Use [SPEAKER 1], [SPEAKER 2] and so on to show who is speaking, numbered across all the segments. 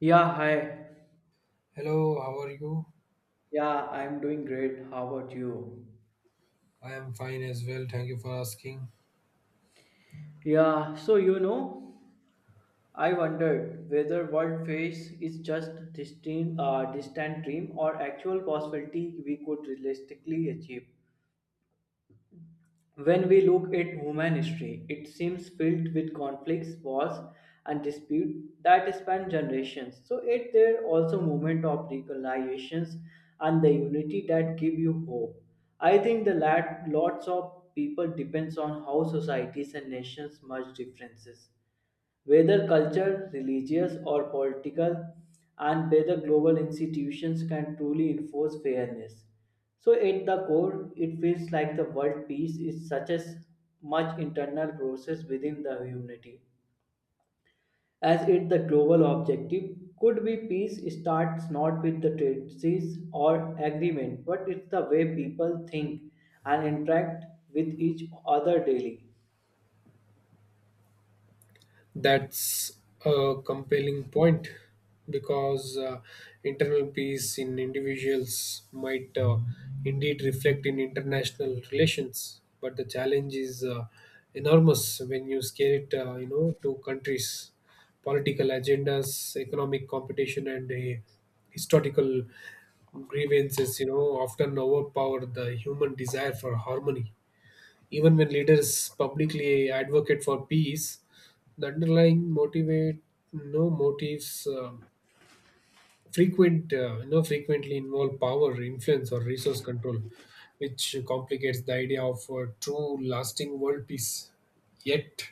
[SPEAKER 1] Yeah, hi.
[SPEAKER 2] Hello, how are you?
[SPEAKER 1] Yeah, I'm doing great. How about you?
[SPEAKER 2] I am fine as well. Thank you for asking.
[SPEAKER 1] Yeah, so I wondered whether world face is just distant, distant dream or actual possibility we could realistically achieve. When we look at human history, it seems filled with conflicts, wars, and disputes that span generations. So it there also moment of reconciliations and the unity that give you hope. I think the lots of people depends on how societies and nations merge differences, whether cultural, religious, or political, and whether global institutions can truly enforce fairness. So, at the core, it feels like the world peace is such a much internal process within the humanity, as it the global objective could be peace starts not with the treaties or agreement, but it's the way people think and interact with each other daily.
[SPEAKER 2] That's a compelling point because internal peace in individuals might indeed reflect in international relations, but the challenge is enormous when you scale it, to countries, political agendas, economic competition, and historical grievances. You know, often overpower the human desire for harmony. Even when leaders publicly advocate for peace, the underlying motivate no motives frequent no frequently involve power, influence, or resource control, which complicates the idea of true lasting world peace. Yet,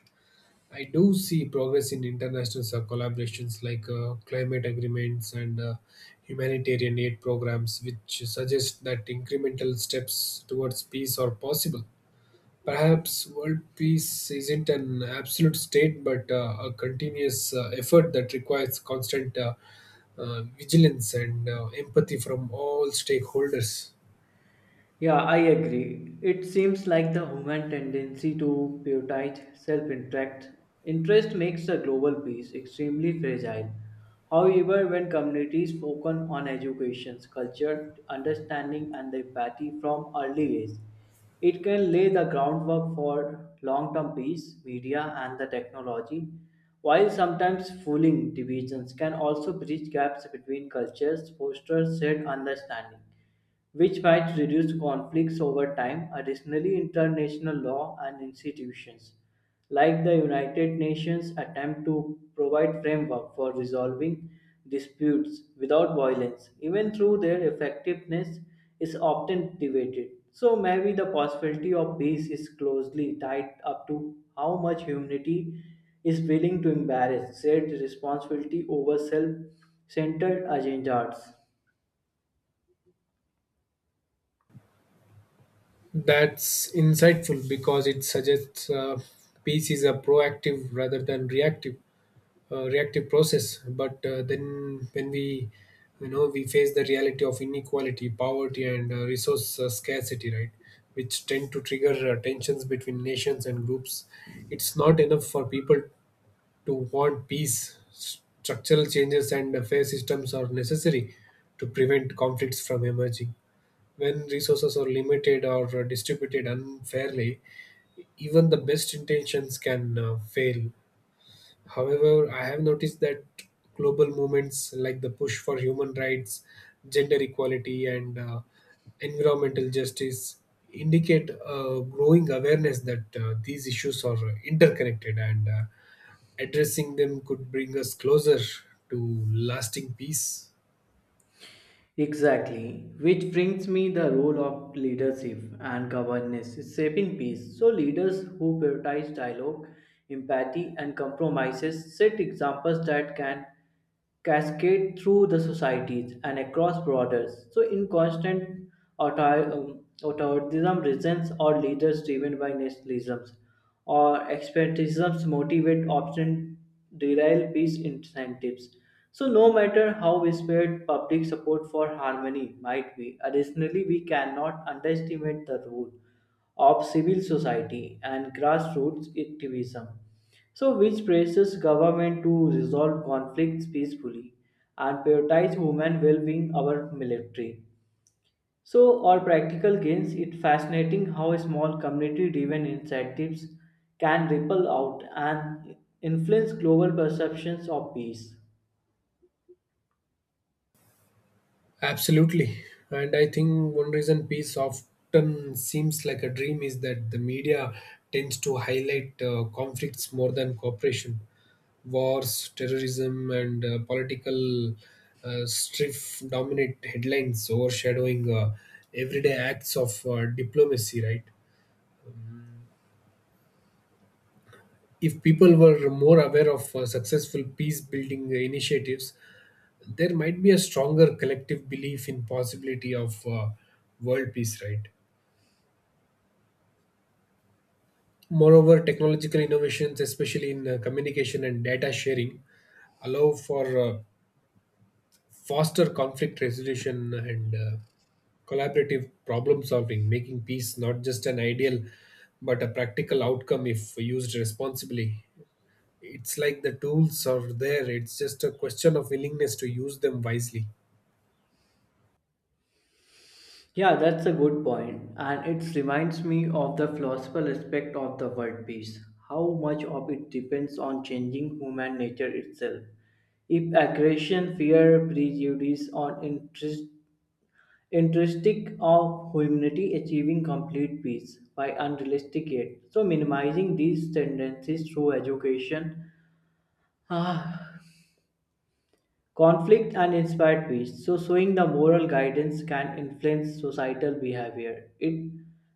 [SPEAKER 2] I do see progress in international collaborations like climate agreements and humanitarian aid programs, which suggest that incremental steps towards peace are possible. Perhaps world peace isn't an absolute state, but a continuous effort that requires constant vigilance and empathy from all stakeholders.
[SPEAKER 1] Yeah, I agree. It seems like the human tendency to prioritize self-interest interest makes the global peace extremely fragile. However, when communities focus on education, culture, understanding, and the empathy from early age, it can lay the groundwork for long-term peace, media, and the technology. While sometimes fueling divisions can also bridge gaps between cultures, foster shared understanding which might reduce conflicts over time. Additionally, international law and institutions like the United Nations attempt to provide framework for resolving disputes without violence, even through their effectiveness is often debated. So maybe the possibility of peace is closely tied up to how much humanity is willing to embrace shared responsibility over self-centered agendas.
[SPEAKER 2] That's insightful because it suggests peace is a proactive rather than reactive process, but then when we, we face the reality of inequality, poverty, and resource scarcity, right, which tend to trigger tensions between nations and groups. It's not enough for people to want peace. Structural changes and fair systems are necessary to prevent conflicts from emerging. When resources are limited or distributed unfairly, even the best intentions can fail. However, I have noticed that global movements like the push for human rights, gender equality, and environmental justice indicate a growing awareness that these issues are interconnected, and addressing them could bring us closer to lasting peace.
[SPEAKER 1] Exactly, which brings me the role of leadership and governance is shaping peace. So leaders who prioritize dialogue, empathy and compromises set examples that can cascade through the societies and across borders. So in constant authoritarianism reasons or leaders driven by nationalisms or expertisms motivate option derail peace incentives. So, no matter how whispered public support for harmony might be, additionally, we cannot underestimate the role of civil society and grassroots activism. So, which praises government to resolve conflicts peacefully and prioritize human well-being over military. So, or practical gains, it's fascinating how small community driven incentives can ripple out and influence global perceptions of peace.
[SPEAKER 2] Absolutely. And I think one reason peace often seems like a dream is that the media tends to highlight conflicts more than cooperation. Wars, terrorism, and political strife dominate headlines, overshadowing everyday acts of diplomacy, right? If people were more aware of successful peace building initiatives, there might be a stronger collective belief in possibility of world peace, right? Moreover, technological innovations, especially in communication and data sharing, allow for faster conflict resolution and collaborative problem solving, making peace not just an ideal but a practical outcome if used responsibly. It's like the tools are there, it's just a question of willingness to use them wisely.
[SPEAKER 1] Yeah, that's a good point, and it reminds me of the philosophical aspect of the word peace. How much of it depends on changing human nature itself. If aggression, fear, prejudice, or interest Intrinsic of humanity achieving complete peace by unrealistic yet. So minimizing these tendencies through education, ah, conflict and inspired peace. So showing the moral guidance can influence societal behavior. It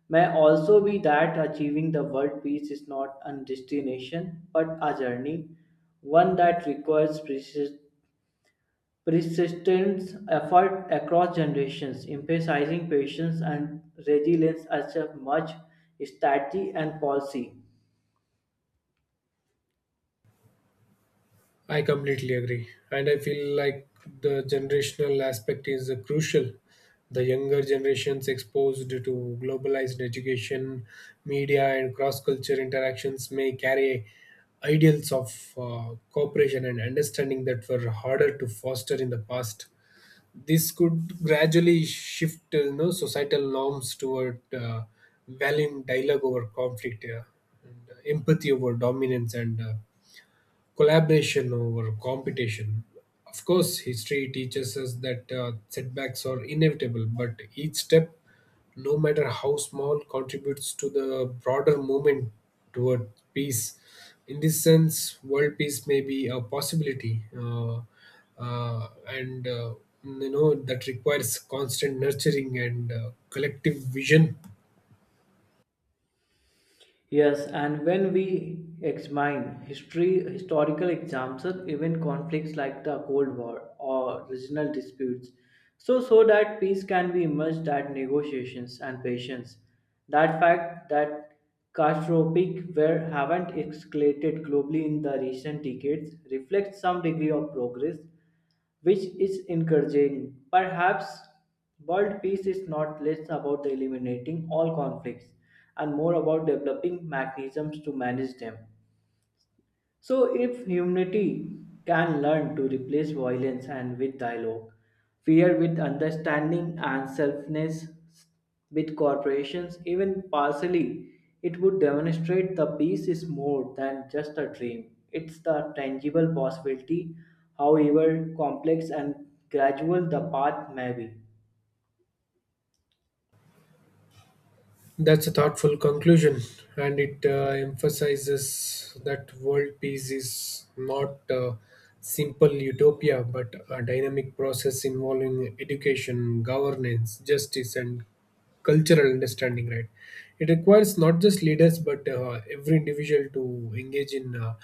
[SPEAKER 1] may also be that achieving the world peace is not a destination but a journey, one that requires precious persistent effort across generations, emphasizing patience and resilience as a much strategy and policy.
[SPEAKER 2] I completely agree. And I feel like the generational aspect is crucial. The younger generations exposed to globalized education, media, and cross culture interactions may carry ideals of cooperation and understanding that were harder to foster in the past. This could gradually shift, societal norms toward valuing dialogue over conflict, yeah, and empathy over dominance, and collaboration over competition. Of course, history teaches us that setbacks are inevitable, but each step, no matter how small, contributes to the broader movement toward peace. In this sense, world peace may be a possibility, and that requires constant nurturing and collective vision.
[SPEAKER 1] Yes, and when we examine history, historical examples, even conflicts like the Cold War or regional disputes, so that peace can be emerged at negotiations and patience. That fact that catastrophic war haven't escalated globally in the recent decades reflects some degree of progress, which is encouraging. Perhaps world peace is not less about eliminating all conflicts and more about developing mechanisms to manage them. So, if humanity can learn to replace violence and with dialogue, fear with understanding, and selfness with corporations, even partially, it would demonstrate the peace is more than just a dream. It's the tangible possibility, however complex and gradual the path may be.
[SPEAKER 2] That's a thoughtful conclusion, and it emphasizes that world peace is not a simple utopia but a dynamic process involving education, governance, justice, and cultural understanding, right? It requires not just leaders but every individual to engage in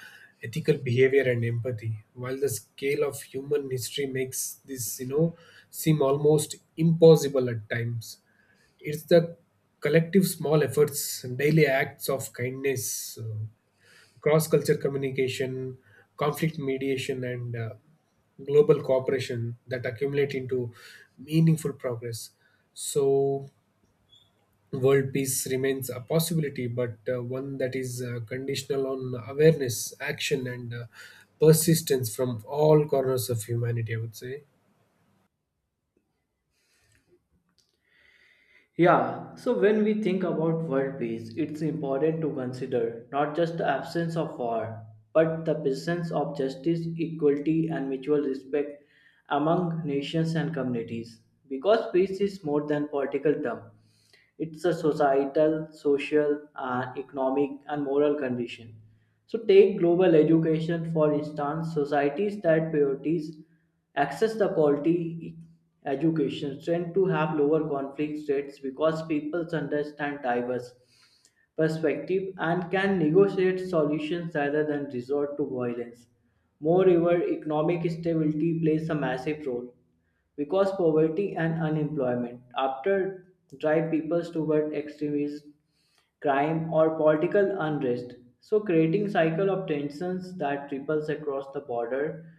[SPEAKER 2] ethical behavior and empathy. While the scale of human history makes this, you know, seem almost impossible at times, it's the collective small efforts, daily acts of kindness, cross culture communication, conflict mediation, and global cooperation that accumulate into meaningful progress. So, world peace remains a possibility, but one that is conditional on awareness, action, and persistence from all corners of humanity, I would say.
[SPEAKER 1] Yeah, so when we think about world peace, it's important to consider not just the absence of war, but the presence of justice, equality, and mutual respect among nations and communities. Because peace is more than political term, it's a societal, social, and economic and moral condition. So, take global education for instance. Societies that prioritize access to quality e, education tend to have lower conflict rates because people understand diverse perspective and can negotiate solutions rather than resort to violence. Moreover, economic stability plays a massive role because poverty and unemployment after drive people toward extremism, crime, or political unrest. So, creating cycle of tensions that ripples across the border,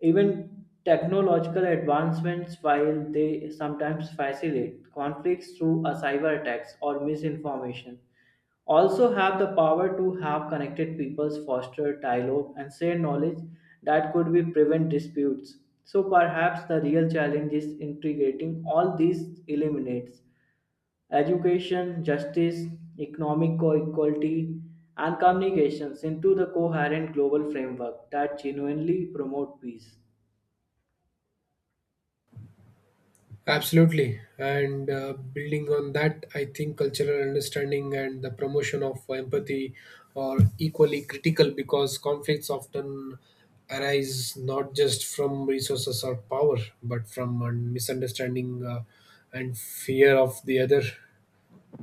[SPEAKER 1] even technological advancements, while they sometimes facilitate conflicts through a cyber attacks or misinformation, also have the power to have connected peoples foster dialogue and share knowledge that could be prevent disputes. So perhaps the real challenge is integrating all these eliminates education, justice, economic equality, and communications into the coherent global framework that genuinely promote peace.
[SPEAKER 2] Absolutely. And building on that, I think cultural understanding and the promotion of empathy are equally critical because conflicts often arise not just from resources or power, but from a misunderstanding and fear of the other.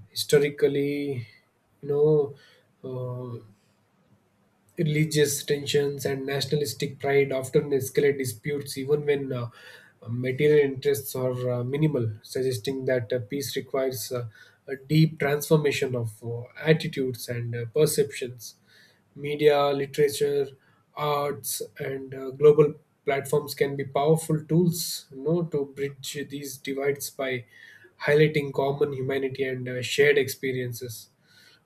[SPEAKER 2] Historically, you know, uh, religious tensions and nationalistic pride often escalate disputes even when material interests are minimal, suggesting that peace requires a deep transformation of attitudes and perceptions. Media, literature, arts, and global platforms can be powerful tools, to bridge these divides by highlighting common humanity and shared experiences,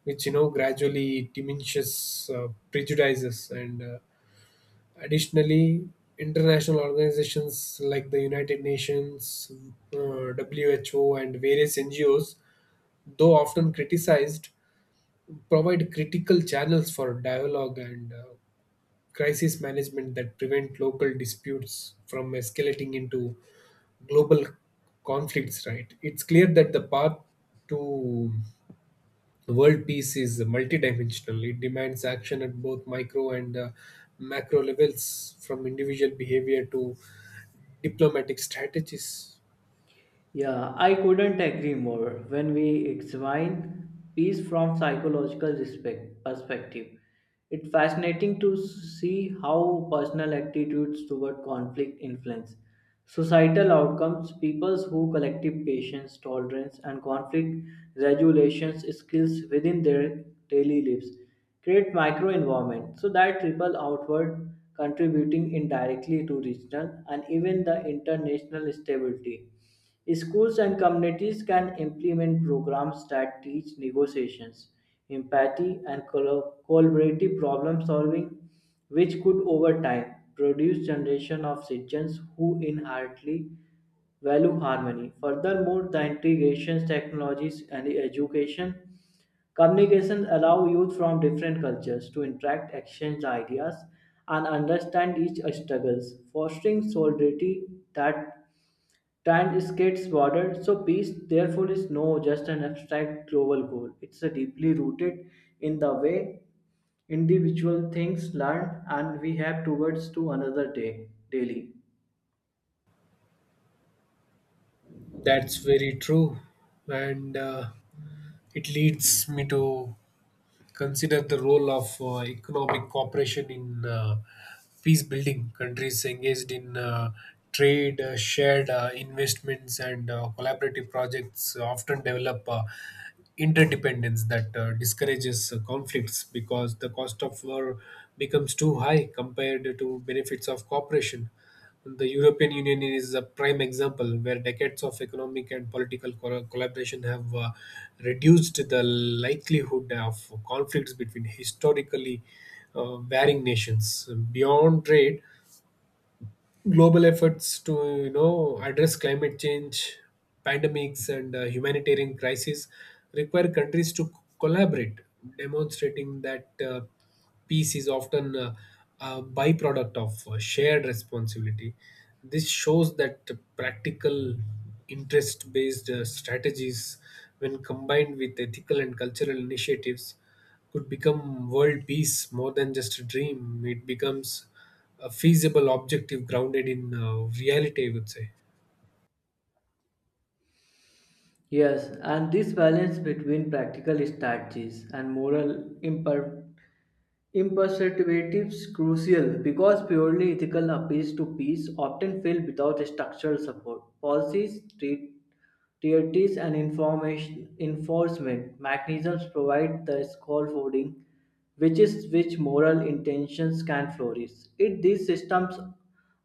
[SPEAKER 2] which, gradually diminishes prejudices and additionally, international organizations like the United Nations, WHO, and various NGOs, though often criticized, provide critical channels for dialogue and crisis management that prevent local disputes from escalating into global conflicts. Right, it's clear that the path to the world peace is multidimensional. It demands action at both micro and macro levels, from individual behavior to diplomatic strategies.
[SPEAKER 1] Yeah, I couldn't agree more. When we examine peace from psychological respect perspective, it's fascinating to see how personal attitudes toward conflict influence societal outcomes. Peoples who collective patience, tolerance, and conflict regulations skills within their daily lives create micro environment so that ripple outward, contributing indirectly to regional and even the international stability. Schools and communities can implement programs that teach negotiations, empathy, and collaborative problem solving, which could over time produce generation of citizens who inherently value harmony. Furthermore, the integration technologies and education communications allow youth from different cultures to interact, exchange ideas, and understand each other's struggles, fostering solidarity that Time skates border, so peace therefore is no just an abstract global goal. It's a deeply rooted in the way individual things learn and we have towards to another day daily.
[SPEAKER 2] That's very true. And it leads me to consider the role of economic cooperation in peace building. Countries engaged in trade, shared investments, and collaborative projects often develop interdependence that discourages conflicts because the cost of war becomes too high compared to benefits of cooperation. The European Union is a prime example where decades of economic and political collaboration have reduced the likelihood of conflicts between historically varying nations. Beyond trade, global efforts to, address climate change, pandemics, and humanitarian crises require countries to collaborate, demonstrating that peace is often a byproduct of shared responsibility. This shows that practical, interest based strategies, when combined with ethical and cultural initiatives, could become world peace more than just a dream. It becomes a feasible objective grounded in reality, I would say.
[SPEAKER 1] Yes, and this balance between practical strategies and moral imperceptibilities is crucial because purely ethical appeals to peace often fail without structural support. Policies, treaties, and information enforcement mechanisms provide the scaffolding, which is which moral intentions can flourish. If these systems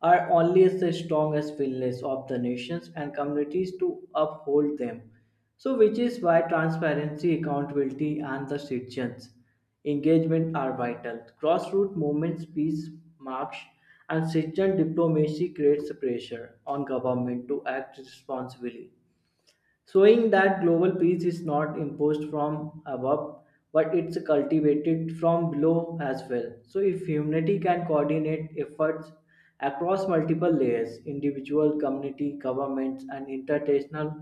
[SPEAKER 1] are only as strong as willingness of the nations and communities to uphold them. So, which is why transparency, accountability, and the citizens' engagement are vital. Grassroots movements, peace marches, and citizen diplomacy creates pressure on government to act responsibly, showing that global peace is not imposed from above but it's cultivated from below as well. So if humanity can coordinate efforts across multiple layers, individual community governments and international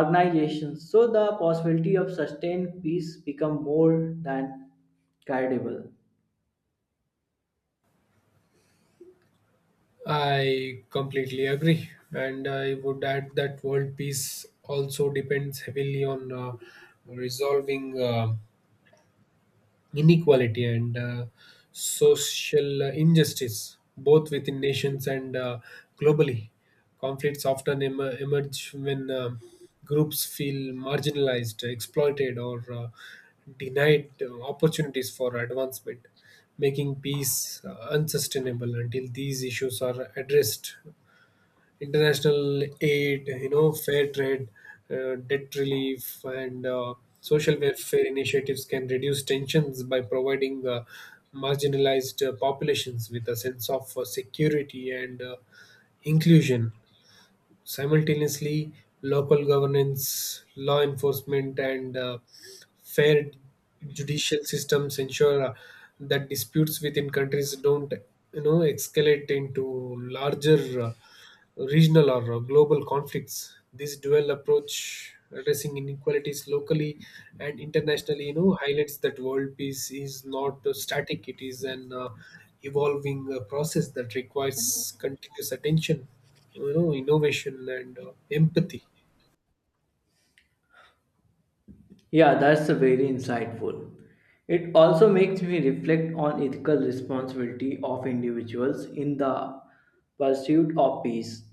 [SPEAKER 1] organizations, so the possibility of sustained peace become more than credible.
[SPEAKER 2] I completely agree. And I would add that world peace also depends heavily on resolving inequality and social injustice, both within nations and globally. Conflicts often emerge when groups feel marginalized, exploited, or denied opportunities for advancement, making peace unsustainable until these issues are addressed. International aid, fair trade, debt relief, and social welfare initiatives can reduce tensions by providing marginalized populations with a sense of security and inclusion. Simultaneously, local governance, law enforcement, and fair judicial systems ensure that disputes within countries don't, escalate into larger regional or global conflicts. This dual approach, addressing inequalities locally and internationally, highlights that world peace is not static; it is an evolving process that requires continuous attention, innovation, and empathy.
[SPEAKER 1] Yeah, that's a very insightful. It also makes me reflect on ethical responsibility of individuals in the pursuit of peace.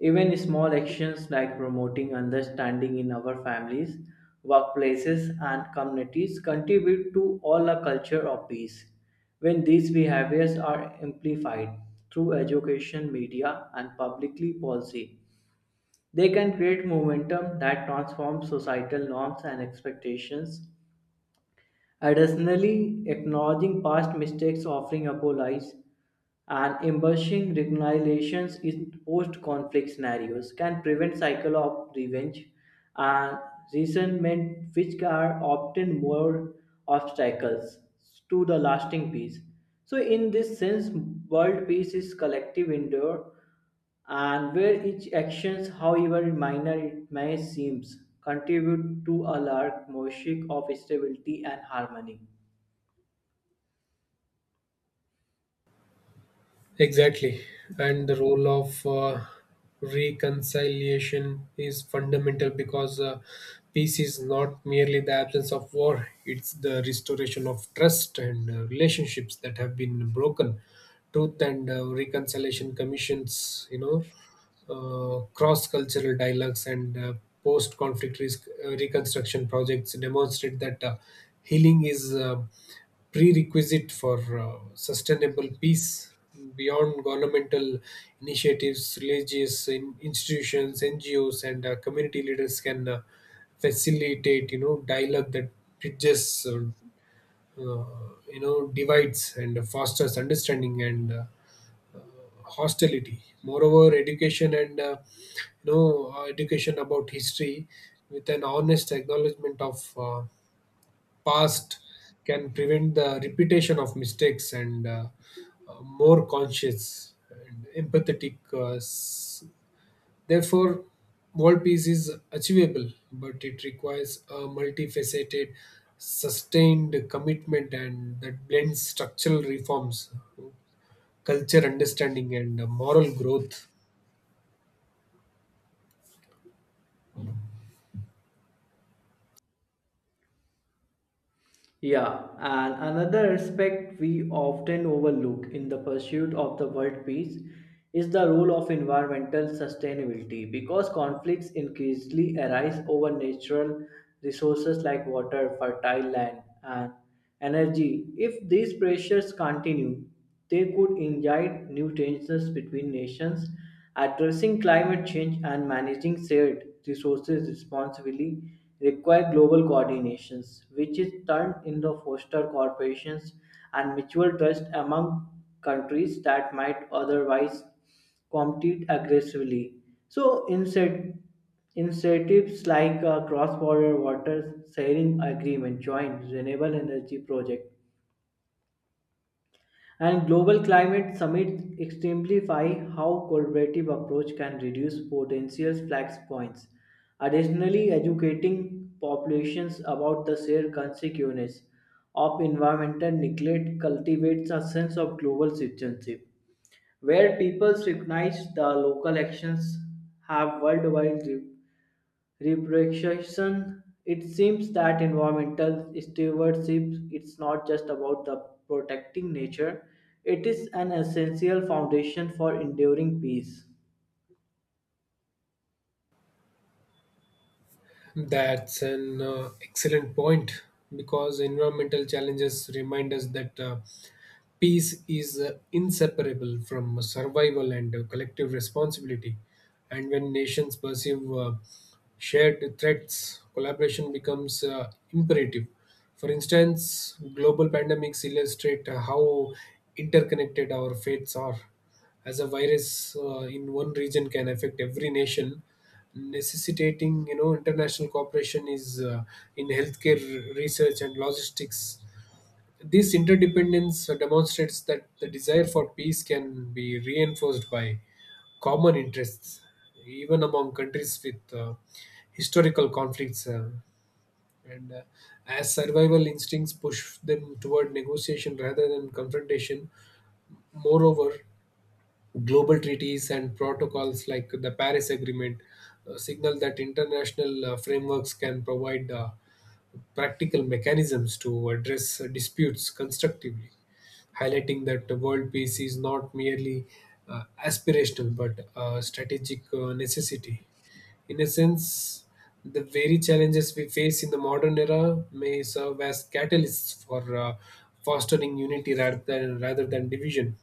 [SPEAKER 1] Even small actions like promoting understanding in our families, workplaces, and communities contribute to all a culture of peace. When these behaviors are amplified through education, media, and publicly policy, they can create momentum that transforms societal norms and expectations. Additionally, acknowledging past mistakes offering apologies and embracing reconciliations in post-conflict scenarios can prevent cycle of revenge and resentment which are often more obstacles to the lasting peace. So in this sense, world peace is collective endeavor, and where each actions however minor it may seem contribute to a large mosaic of stability and harmony.
[SPEAKER 2] Exactly. And the role of reconciliation is fundamental because peace is not merely the absence of war, it's the restoration of trust and relationships that have been broken. Truth and Reconciliation Commissions, cross cultural dialogues, and post conflict risk reconstruction projects demonstrate that healing is a prerequisite for sustainable peace. Beyond governmental initiatives, religious in institutions, NGOs, and community leaders can facilitate, dialogue that bridges, uh, divides and fosters understanding and hostility. Moreover, education and education about history with an honest acknowledgement of past can prevent the repetition of mistakes and more conscious and empathetic. Therefore, world peace is achievable, but it requires a multifaceted, sustained commitment and that blends structural reforms, culture understanding, and moral growth.
[SPEAKER 1] Yeah, and another aspect we often overlook in the pursuit of the world peace is the role of environmental sustainability because conflicts increasingly arise over natural resources like water, fertile land, and energy. If these pressures continue, they could ignite new tensions between nations, addressing climate change and managing shared resources responsibly require global coordinations, which is turned into foster corporations and mutual trust among countries that might otherwise compete aggressively. So, incentives like a cross-border water sharing agreement, joint renewable energy project, and global climate summits exemplify how collaborative approach can reduce potential flex points. Additionally, educating populations about the shared consequences of environmental neglect cultivates a sense of global citizenship, where people recognize the local actions have worldwide Reproduction. It seems that environmental stewardship it's not just about the protecting nature, it is an essential foundation for enduring peace.
[SPEAKER 2] That's an excellent point because environmental challenges remind us that peace is inseparable from survival and collective responsibility. And when nations perceive shared threats, collaboration becomes imperative. For instance, global pandemics illustrate how interconnected our fates are. As a virus in one region can affect every nation, necessitating, international cooperation is in healthcare, research, and logistics. This interdependence demonstrates that the desire for peace can be reinforced by common interests, even among countries with historical conflicts, and as survival instincts push them toward negotiation rather than confrontation. Moreover, global treaties and protocols like the Paris Agreement, signal that international frameworks can provide practical mechanisms to address disputes constructively, highlighting that world peace is not merely aspirational but a strategic necessity. In a sense, the very challenges we face in the modern era may serve as catalysts for fostering unity rather than division.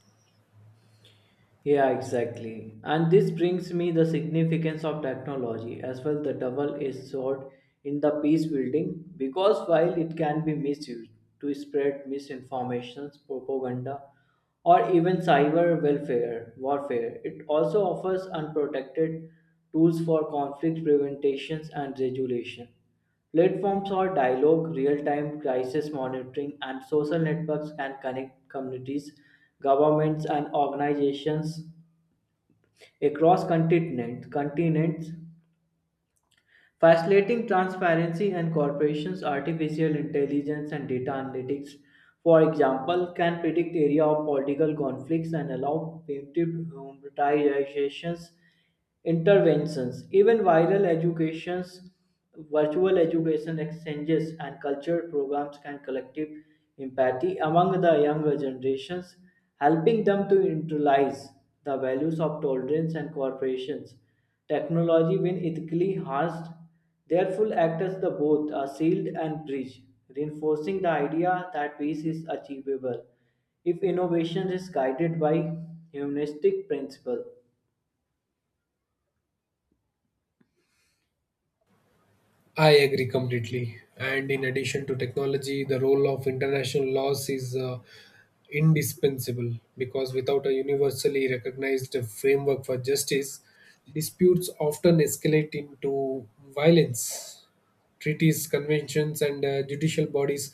[SPEAKER 1] Yeah, exactly. And this brings me the significance of technology as well the double-edged sword in the peace building because while it can be misused to spread misinformation, propaganda, or even cyber welfare warfare, it also offers unprotected tools for conflict prevention and regulation. Platforms for dialogue, real time crisis monitoring, and social networks can connect communities, governments, and organizations across continents, facilitating transparency and corporations. Artificial intelligence and data analytics, for example, can predict area of political conflicts and allow preemptive humanitarian interventions. Even viral educations Virtual education exchanges and cultural programs can collective empathy among the younger generations, helping them to internalize the values of tolerance and corporations. Technology, when ethically harnessed, therefore acts as the both a shield and bridge, reinforcing the idea that peace is achievable if innovation is guided by humanistic principle.
[SPEAKER 2] I agree completely. And in addition to technology, the role of international laws is indispensable because without a universally recognized framework for justice, disputes often escalate into violence. Treaties, conventions, and judicial bodies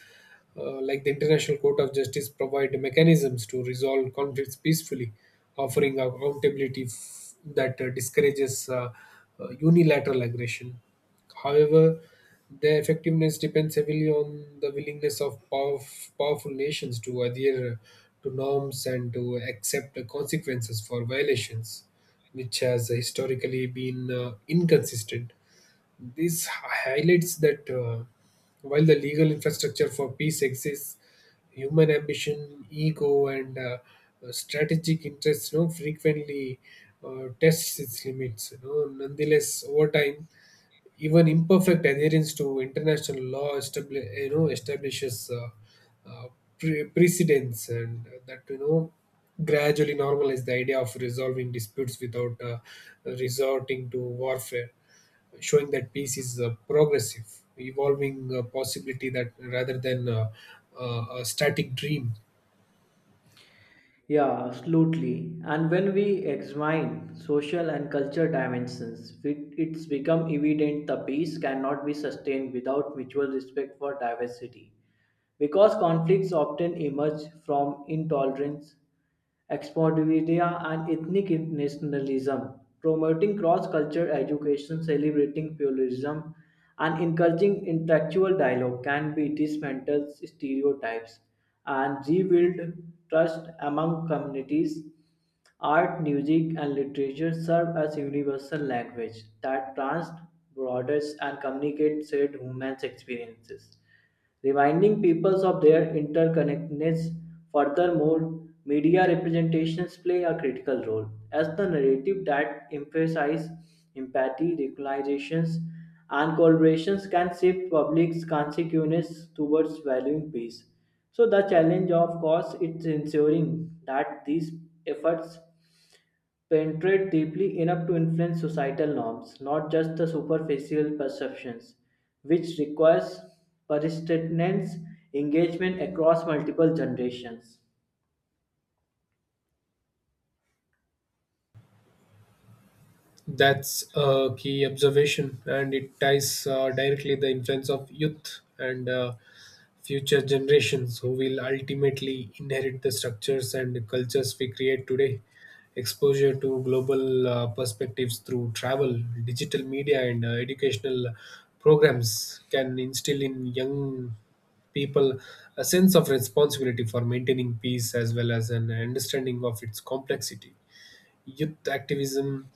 [SPEAKER 2] like the International Court of Justice provide mechanisms to resolve conflicts peacefully, offering accountability that discourages unilateral aggression. However, their effectiveness depends heavily on the willingness of powerful nations to adhere to norms and to accept the consequences for violations, which has historically been inconsistent. This highlights that while the legal infrastructure for peace exists, human ambition, ego, and strategic interests, frequently tests its limits. You know, nonetheless, over time, even imperfect adherence to international law establishes uh, precedents, and that, gradually normalize the idea of resolving disputes without resorting to warfare, showing that peace is a progressive, evolving possibility that rather than a static dream.
[SPEAKER 1] Yeah, absolutely. And when we examine social and cultural dimensions, it's become evident the peace cannot be sustained without mutual respect for diversity. Because conflicts often emerge from intolerance, Exportivia and ethnic nationalism, promoting cross-cultural education, celebrating pluralism, and encouraging intellectual dialogue can be dismantled stereotypes and rebuild trust among communities. Art, music, and literature serve as universal language that transcends borders and communicates shared human experiences, reminding peoples of their interconnectedness. Furthermore, media representations play a critical role as the narrative that emphasize empathy, recognitions, and collaborations can shift public's consciousness towards valuing peace. So the challenge, of course, is ensuring that these efforts penetrate deeply enough to influence societal norms, not just the superficial perceptions, which requires persistence, engagement across multiple generations.
[SPEAKER 2] That's a key observation, and it ties directly the influence of youth and future generations who will ultimately inherit the structures and the cultures we create today. Exposure to global perspectives through travel, digital media, and educational programs can instill in young people a sense of responsibility for maintaining peace as well as an understanding of its complexity. Youth activism,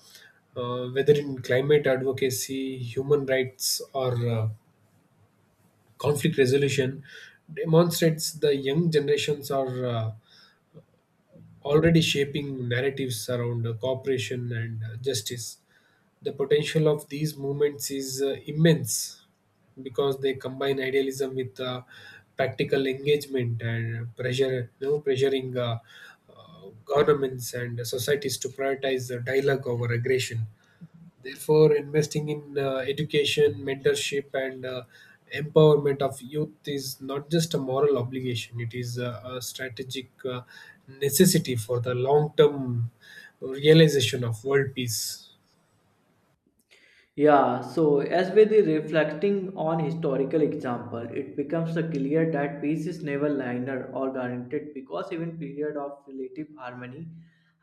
[SPEAKER 2] whether in climate advocacy, human rights, or conflict resolution, demonstrates the young generations are already shaping narratives around cooperation and justice. The potential of these movements is immense because they combine idealism with practical engagement and pressure, pressuring governments and societies to prioritize the dialogue over aggression. Therefore, investing in education, mentorship, and empowerment of youth is not just a moral obligation, it is a strategic necessity for the long term realization of world peace.
[SPEAKER 1] Yeah, so as with the reflecting on historical example, it becomes a clear that peace is never linear or guaranteed because even period of relative harmony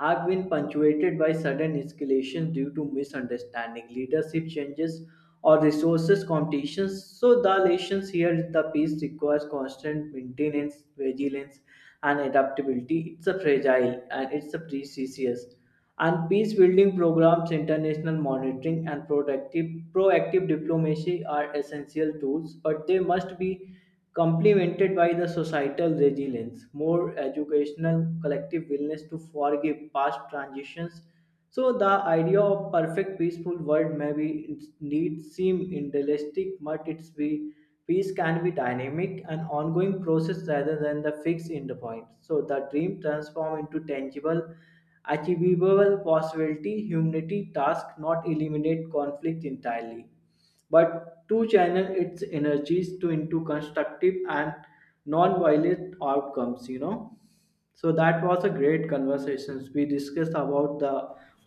[SPEAKER 1] have been punctuated by sudden escalations due to misunderstanding, leadership changes, or resources competitions. So the relations here, the peace requires constant maintenance, vigilance, and adaptability. It's a fragile and it's a precious and peace building programs, international monitoring, and protective, proactive diplomacy are essential tools, but they must be complemented by the societal resilience, more educational, collective willingness to forgive past transitions, so the idea of perfect peaceful world may be need seem idealistic, but it's be peace can be dynamic and ongoing process rather than the fixed end point. So the dream transform into tangible, achievable possibility, humanity task not eliminate conflict entirely but to channel its energies to into constructive and non-violent outcomes. So that was a great conversations we discussed about the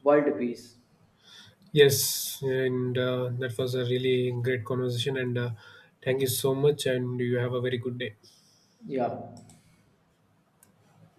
[SPEAKER 1] world peace.
[SPEAKER 2] Yes, and that was a really great conversation, and thank you so much, and you have a very good day.
[SPEAKER 1] Yeah.